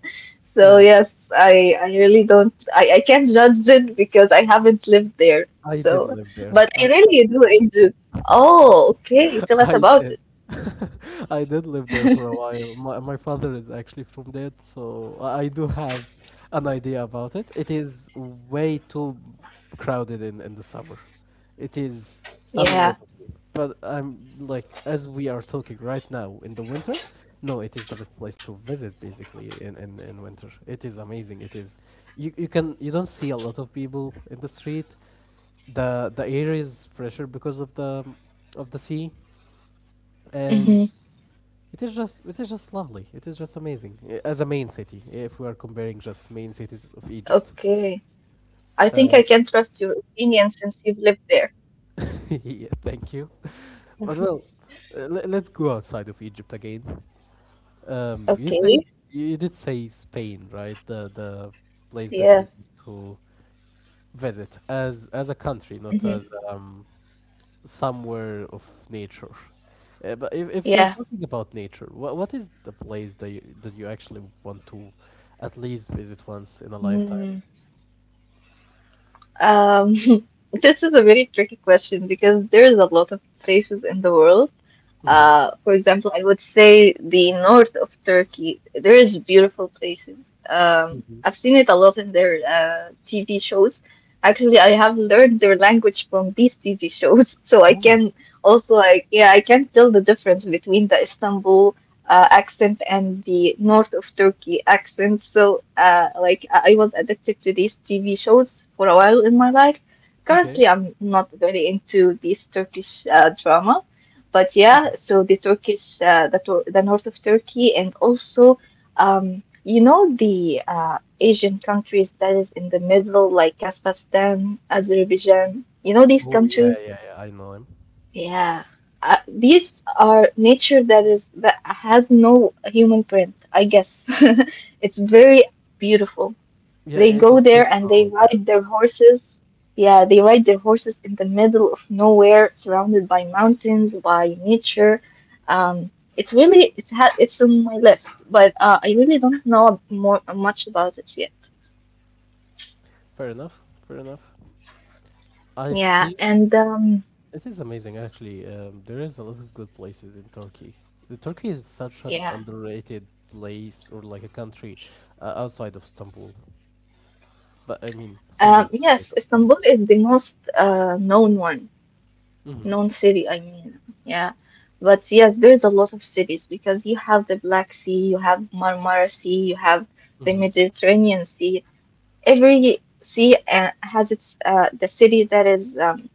[SPEAKER 1] So
[SPEAKER 2] Yeah.
[SPEAKER 1] yes, I really don't I can't judge it because I haven't lived there.
[SPEAKER 2] I
[SPEAKER 1] So,
[SPEAKER 2] did live there.
[SPEAKER 1] but I really do enjoy. Oh, okay.
[SPEAKER 2] <laughs>
[SPEAKER 1] Tell us
[SPEAKER 2] I did.
[SPEAKER 1] about it.
[SPEAKER 2] <laughs> I did live there for a while. My father is actually from there, so I do have an idea about it. It is way too crowded in the summer. It is unlivable.
[SPEAKER 1] Yeah.
[SPEAKER 2] But I'm like, as we are talking right now in the winter, no, it is the best place to visit basically in, in winter. It is amazing. It is you can you don't see a lot of people in the street. The the air is fresher because of the sea and
[SPEAKER 1] Hmm.
[SPEAKER 2] it is just lovely. It is just amazing eh, as a main city. If we are comparing just main cities of Egypt,
[SPEAKER 1] Okay. I
[SPEAKER 2] uh,
[SPEAKER 1] think I can trust your opinion since you've lived there.
[SPEAKER 2] <laughs> yeah, thank you. <laughs> But well,
[SPEAKER 1] <laughs>
[SPEAKER 2] let's go outside of Egypt again. Um, you say
[SPEAKER 1] Okay.
[SPEAKER 2] you did say Spain, right? The place that
[SPEAKER 1] Yeah.
[SPEAKER 2] you want to visit as a country, not
[SPEAKER 1] Hmm.
[SPEAKER 2] as somewhere of nature. But if you're talking about nature, what is the place that you actually want to at least visit once in a lifetime?
[SPEAKER 1] Yeah. Um, <laughs> this is a very tricky question because there's a lot of places in the world.
[SPEAKER 2] Mm-hmm.
[SPEAKER 1] For example, I would say the north of Turkey. There is beautiful places.
[SPEAKER 2] Mm-hmm.
[SPEAKER 1] I've seen it a lot in their TV shows. Actually, I have learned their language from these TV shows, <laughs> so I
[SPEAKER 2] Oh,
[SPEAKER 1] can also like yeah, I can tell the difference between the Istanbul accent and the north of Turkey accent. So like I was addicted to these TV shows for a while in my life.
[SPEAKER 2] okay.
[SPEAKER 1] Currently, I'm not very into these Turkish drama, but yeah,
[SPEAKER 2] Okay.
[SPEAKER 1] so the Turkish, the north of Turkey, and also, you know, the Asian countries that is in the middle, like Kazakhstan, Azerbaijan, you know, these
[SPEAKER 2] Oh yeah,
[SPEAKER 1] countries.
[SPEAKER 2] yeah, yeah. I know him.
[SPEAKER 1] Yeah. These are nature that is that has no human print, I guess. <laughs> It's very beautiful.
[SPEAKER 2] Yeah,
[SPEAKER 1] They
[SPEAKER 2] it
[SPEAKER 1] go
[SPEAKER 2] is
[SPEAKER 1] there
[SPEAKER 2] less
[SPEAKER 1] and they
[SPEAKER 2] known. Yeah.
[SPEAKER 1] ride their horses. Yeah, they ride their horses in the middle of nowhere, surrounded by mountains, by nature. Um, it's really it's had it's on my list, but I really don't know more much about it yet.
[SPEAKER 2] Fair enough. Fair enough. I
[SPEAKER 1] Yeah,
[SPEAKER 2] think
[SPEAKER 1] and
[SPEAKER 2] it is amazing actually. There is a lot of good places in Turkey. The Turkey is such an
[SPEAKER 1] yeah,
[SPEAKER 2] underrated place or like a country outside of Istanbul. But I mean, Istanbul is great
[SPEAKER 1] yes,
[SPEAKER 2] as well.
[SPEAKER 1] Istanbul is the most known one,
[SPEAKER 2] Mhm,
[SPEAKER 1] known city. I mean, yeah. But yes, there's a lot of cities because you have the Black Sea, you have Marmara Sea, you have the
[SPEAKER 2] mhm.
[SPEAKER 1] Mediterranean Sea, every sea has its the city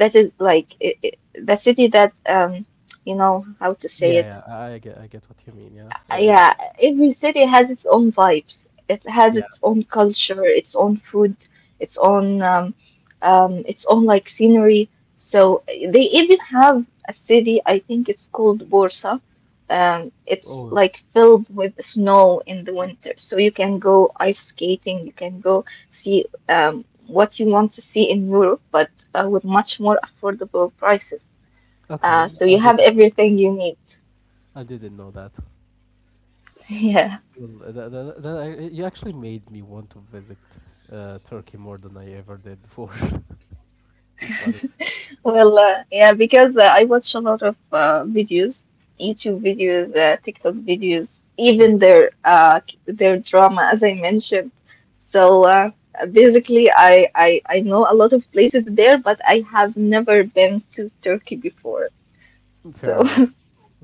[SPEAKER 1] that is like I the city that you know how to say it
[SPEAKER 2] Yeah, yeah, I get what you mean, yeah. It
[SPEAKER 1] yeah, every city has its own vibes. It has
[SPEAKER 2] yeah.
[SPEAKER 1] its own culture, its own food, its own um, its own like scenery. So they even have a city. I think it's called Bursa. It's
[SPEAKER 2] Oh,
[SPEAKER 1] like filled with snow in the winter, so you can go ice skating. You can go see what you want to see in Europe, but with much more affordable prices.
[SPEAKER 2] okay.
[SPEAKER 1] So
[SPEAKER 2] I
[SPEAKER 1] you have
[SPEAKER 2] didn't know.
[SPEAKER 1] everything you need. <laughs>
[SPEAKER 2] I didn't know that.
[SPEAKER 1] Yeah.
[SPEAKER 2] Well, you actually made me want to visit Turkey more than I ever did before. <laughs> It's funny.
[SPEAKER 1] Well, yeah, because I watch a lot of videos, YouTube videos, TikTok videos, even their drama, as I mentioned. So basically, I know a lot of places there, but I have never been to Turkey before.
[SPEAKER 2] Fair
[SPEAKER 1] So
[SPEAKER 2] enough.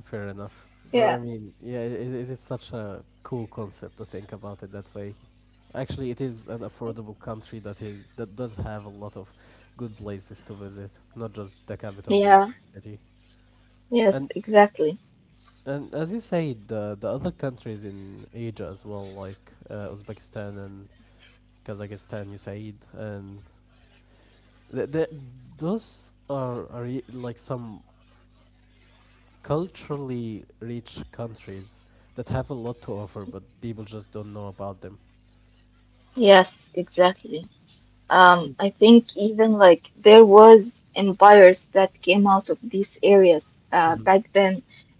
[SPEAKER 2] Fair enough. But I
[SPEAKER 1] <laughs> yeah,
[SPEAKER 2] mean, yeah, it is such a cool concept to think about it that way. Actually, it is an affordable country that does have a lot of good places to visit, not just the capital or the
[SPEAKER 1] yeah,
[SPEAKER 2] main city.
[SPEAKER 1] yes,
[SPEAKER 2] And
[SPEAKER 1] exactly,
[SPEAKER 2] and as you say, the other countries in Asia as well, like Uzbekistan and Kazakhstan, you said, and th- th- those are like some culturally rich countries that have a lot to offer, but people just don't know about them.
[SPEAKER 1] yes, exactly.
[SPEAKER 2] It is.
[SPEAKER 1] I think even like there was empires that came out of these areas
[SPEAKER 2] Mm-hmm.
[SPEAKER 1] back then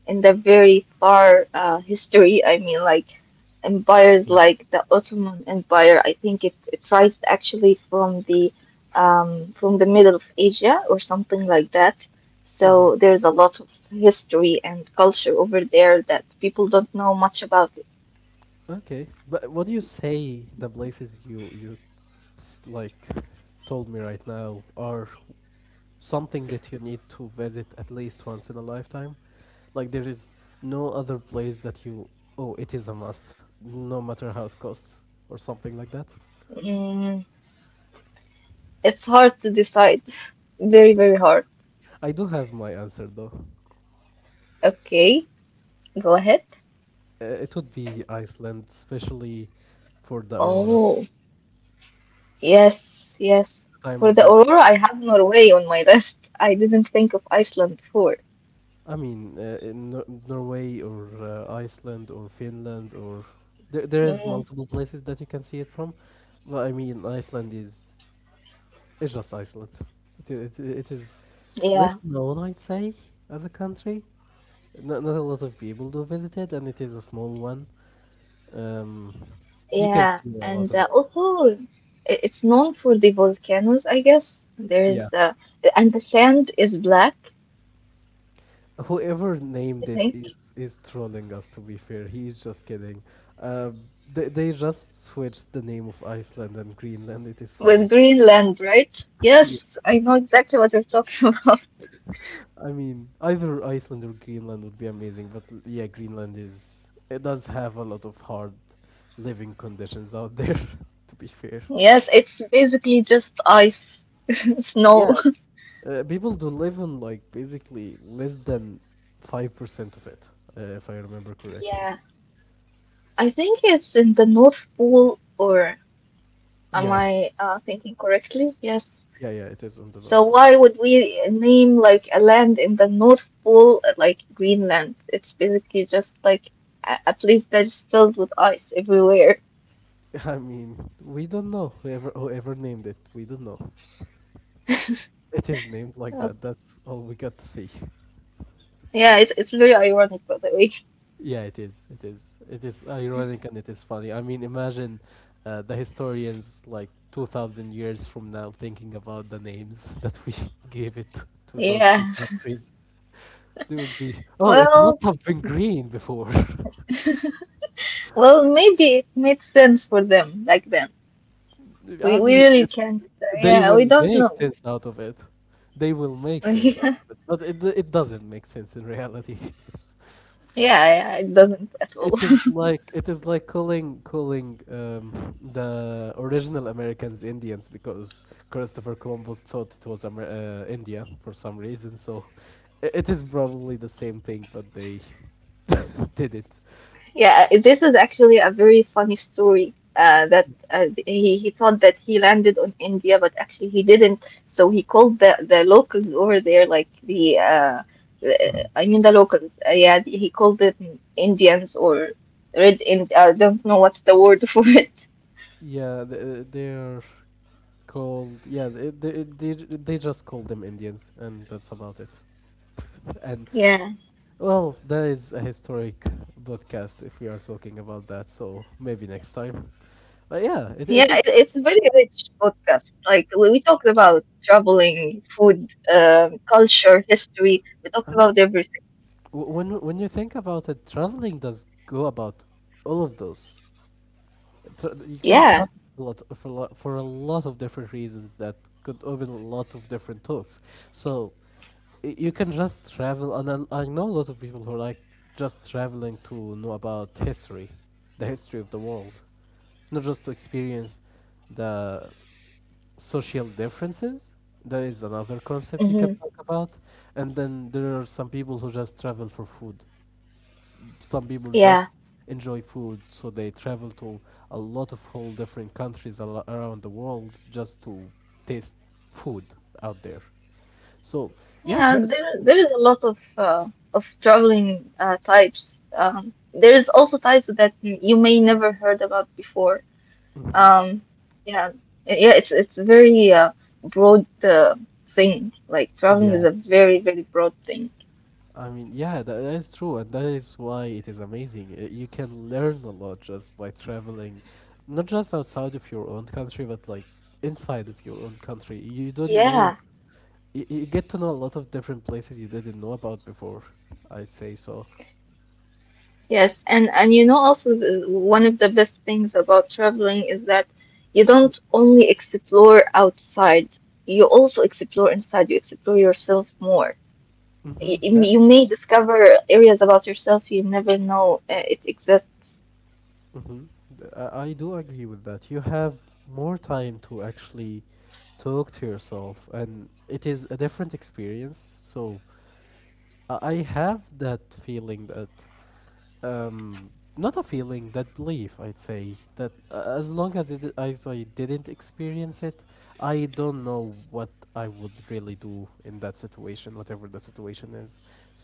[SPEAKER 1] in the very far history. I mean, like empires
[SPEAKER 2] Yeah.
[SPEAKER 1] like the Ottoman Empire. I think it it rises actually from the middle of Asia or something like that. So
[SPEAKER 2] Mm-hmm.
[SPEAKER 1] there's a lot of history and culture over there that people don't know much about.
[SPEAKER 2] Okay, but what do you say the places like told me right now are something that you need to visit at least once in a lifetime? Like there is no other place that you oh it is a must, no matter how it costs or something like that.
[SPEAKER 1] Mm, it's hard to decide. <laughs> Very, very hard.
[SPEAKER 2] I do have my answer though.
[SPEAKER 1] Okay. Go ahead.
[SPEAKER 2] It would be Iceland, especially for the aurora,
[SPEAKER 1] Oh, yes, yes.
[SPEAKER 2] the time
[SPEAKER 1] For
[SPEAKER 2] of
[SPEAKER 1] the
[SPEAKER 2] the.
[SPEAKER 1] Aurora, I have Norway on my list. I didn't think of Iceland before.
[SPEAKER 2] I mean, in Norway or Iceland or Finland or there is
[SPEAKER 1] Mm,
[SPEAKER 2] multiple places that you can see it from, but I mean, Iceland is it's just Iceland. It is
[SPEAKER 1] yeah,
[SPEAKER 2] less known, I'd say, as a country. Not a lot of people do visit it, and it is a small one. Um, you can
[SPEAKER 1] yeah.
[SPEAKER 2] see a lot
[SPEAKER 1] And
[SPEAKER 2] of that.
[SPEAKER 1] also, it- it's known for the volcanoes, I guess.
[SPEAKER 2] Yeah.
[SPEAKER 1] There's and the sand is black,
[SPEAKER 2] Whoever
[SPEAKER 1] I
[SPEAKER 2] named it
[SPEAKER 1] think,
[SPEAKER 2] is trolling us. To be fair, he is just kidding. Uh, they just switched the name of Iceland and Greenland. It is
[SPEAKER 1] with
[SPEAKER 2] funny.
[SPEAKER 1] Greenland, right?
[SPEAKER 2] Yeah,
[SPEAKER 1] Yes, I know exactly what you're talking <laughs> about.
[SPEAKER 2] I mean either Iceland or Greenland would be amazing, but yeah, Greenland is it does have a lot of hard living conditions out there. <laughs> To be fair,
[SPEAKER 1] Yes, it's basically just ice, <laughs>
[SPEAKER 2] yeah,
[SPEAKER 1] snow.
[SPEAKER 2] people do live on like basically less than 5% of it, if I remember correctly.
[SPEAKER 1] Yeah, I think it's in the North Pole or. Am
[SPEAKER 2] Yeah,
[SPEAKER 1] I thinking correctly? Yes.
[SPEAKER 2] yeah, yeah. It is on the
[SPEAKER 1] So
[SPEAKER 2] North Pole.
[SPEAKER 1] why would we name like a land in the North Pole like Greenland? It's basically just like a place that's filled with ice everywhere.
[SPEAKER 2] <laughs> I mean, we don't know whoever named it. We don't know. It is named like that.
[SPEAKER 1] Okay.
[SPEAKER 2] That's all we got to say.
[SPEAKER 1] Yeah, it, it's very ironic, by the way.
[SPEAKER 2] Yeah, it is. It is. It is ironic and it is funny. I mean, imagine the historians like 2000 years from now thinking about the names <laughs> that we <laughs> gave it to those
[SPEAKER 1] Yeah.
[SPEAKER 2] two countries. They would be, "Oh, it
[SPEAKER 1] Well,
[SPEAKER 2] must have been green before." <laughs>
[SPEAKER 1] well, maybe it made sense for them back then.
[SPEAKER 2] I
[SPEAKER 1] We
[SPEAKER 2] mean,
[SPEAKER 1] really can't.
[SPEAKER 2] they
[SPEAKER 1] Yeah, we
[SPEAKER 2] will
[SPEAKER 1] don't
[SPEAKER 2] make
[SPEAKER 1] know.
[SPEAKER 2] sense out of it. They will make sense out of
[SPEAKER 1] <laughs>
[SPEAKER 2] it, but it doesn't make sense in reality. <laughs>
[SPEAKER 1] Yeah, yeah, it doesn't at all.
[SPEAKER 2] It is like calling the original Americans Indians because Christopher Columbus thought it was India for some reason. So it is probably the same thing, but they <laughs> did it.
[SPEAKER 1] Yeah, this is actually a very funny story. That He thought that he landed on India, but actually he didn't. So he called the locals over there, like the
[SPEAKER 2] Mhm.
[SPEAKER 1] I mean the locals. Yeah, he called them Indians or Red Ind. I don't know what's the word <laughs> for it.
[SPEAKER 2] Yeah, they are called. Yeah, they just call them Indians, and that's about it. <laughs> And
[SPEAKER 1] Yeah,
[SPEAKER 2] well, that is a historic podcast if we are talking about that. So maybe next time. But yeah, it
[SPEAKER 1] yeah,
[SPEAKER 2] it is.
[SPEAKER 1] it, it's a very rich podcast. Like we talked about traveling, food, culture, history. We talked
[SPEAKER 2] I mean,
[SPEAKER 1] about everything.
[SPEAKER 2] when you think about it, traveling does go about all of those. You can travel
[SPEAKER 1] Yeah.
[SPEAKER 2] a lot for a lot of different reasons that could open a lot of different talks. So you can just travel, and I know a lot of people who like just traveling to know about history, the history of the world, not just to experience the social differences. That is another concept you can
[SPEAKER 1] Mm-hmm.
[SPEAKER 2] talk about. And then there are some people who just travel for food. Some people just
[SPEAKER 1] Yeah.
[SPEAKER 2] enjoy food, so they travel to a lot of whole different countries around the world just to taste food out there. So yeah,
[SPEAKER 1] Yeah, there
[SPEAKER 2] travel.
[SPEAKER 1] there is a lot of traveling types. There is also types that you may never heard about before.
[SPEAKER 2] Hmm.
[SPEAKER 1] Um, yeah, yeah, it's very broad thing. Like traveling is
[SPEAKER 2] Yeah.
[SPEAKER 1] a very very broad thing.
[SPEAKER 2] I mean, yeah, that is true, and that is why it is amazing. You can learn a lot just by traveling, not just outside of your own country, but like inside of your own country. You don't know,
[SPEAKER 1] Yeah.
[SPEAKER 2] you get to know a lot of different places you didn't know about before. I'd say so.
[SPEAKER 1] Yes, and you know also the, one of the best things about traveling is that you don't only explore outside, you also explore inside. You explore yourself more. you,
[SPEAKER 2] Mm-hmm, that's
[SPEAKER 1] you
[SPEAKER 2] true.
[SPEAKER 1] may discover areas about yourself you never know it exists.
[SPEAKER 2] Mm-hmm. I do agree with that. You have more time to actually talk to yourself, and it is a different experience. So I have that feeling that. um Not a feeling that belief I'd say that as long as it as I didn't experience it, I don't know what I would really do in that situation, whatever the situation is.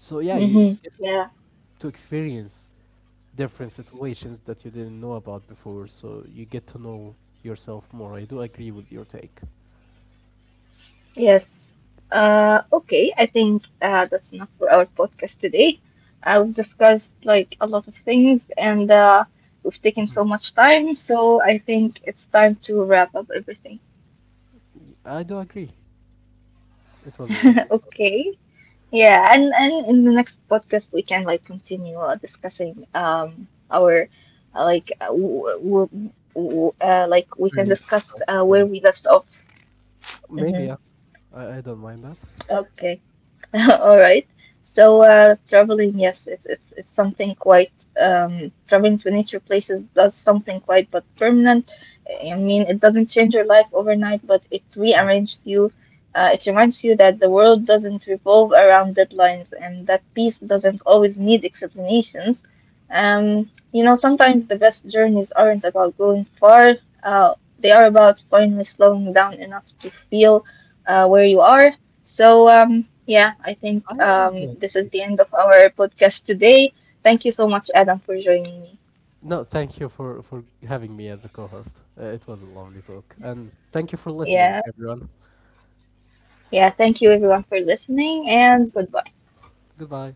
[SPEAKER 2] So yeah, you
[SPEAKER 1] Hmm.
[SPEAKER 2] get
[SPEAKER 1] Yeah.
[SPEAKER 2] to experience different situations that you didn't know about before, so you get to know yourself more. I do agree with your take.
[SPEAKER 1] Yes. Okay. I think that's enough for our podcast today. We've discussed like a lot of things, and we've taken
[SPEAKER 2] Mhm.
[SPEAKER 1] so much time. So I think it's time to wrap up everything.
[SPEAKER 2] I do agree it was a
[SPEAKER 1] <laughs>
[SPEAKER 2] lovely talk.
[SPEAKER 1] Okay. Yeah, and in the next podcast we can like continue discussing our like w w w like we can
[SPEAKER 2] Various
[SPEAKER 1] discuss
[SPEAKER 2] stuff, yeah,
[SPEAKER 1] where we left off.
[SPEAKER 2] maybe,
[SPEAKER 1] Mm-hmm.
[SPEAKER 2] yeah. I don't mind that.
[SPEAKER 1] Okay. <laughs> All right. So traveling, yes, it's something quite traveling to nature places does something quite but permanent. I mean, it doesn't change your life overnight, but it
[SPEAKER 2] Mm.
[SPEAKER 1] rearranges you. It reminds you that the world doesn't revolve around deadlines and that peace doesn't always need explanations. You know, sometimes the best journeys aren't about going far. Uh, they are about finally slowing down enough to feel where you are. So, yeah, I think
[SPEAKER 2] I do
[SPEAKER 1] this
[SPEAKER 2] agree.
[SPEAKER 1] is the end of our podcast today. Thank you so much, Adam, for joining me.
[SPEAKER 2] No, thank you for having me as a co-host. It was a lovely talk, and thank you for listening,
[SPEAKER 1] Yeah,
[SPEAKER 2] everyone.
[SPEAKER 1] yeah, thank you everyone for listening, and goodbye.
[SPEAKER 2] Goodbye.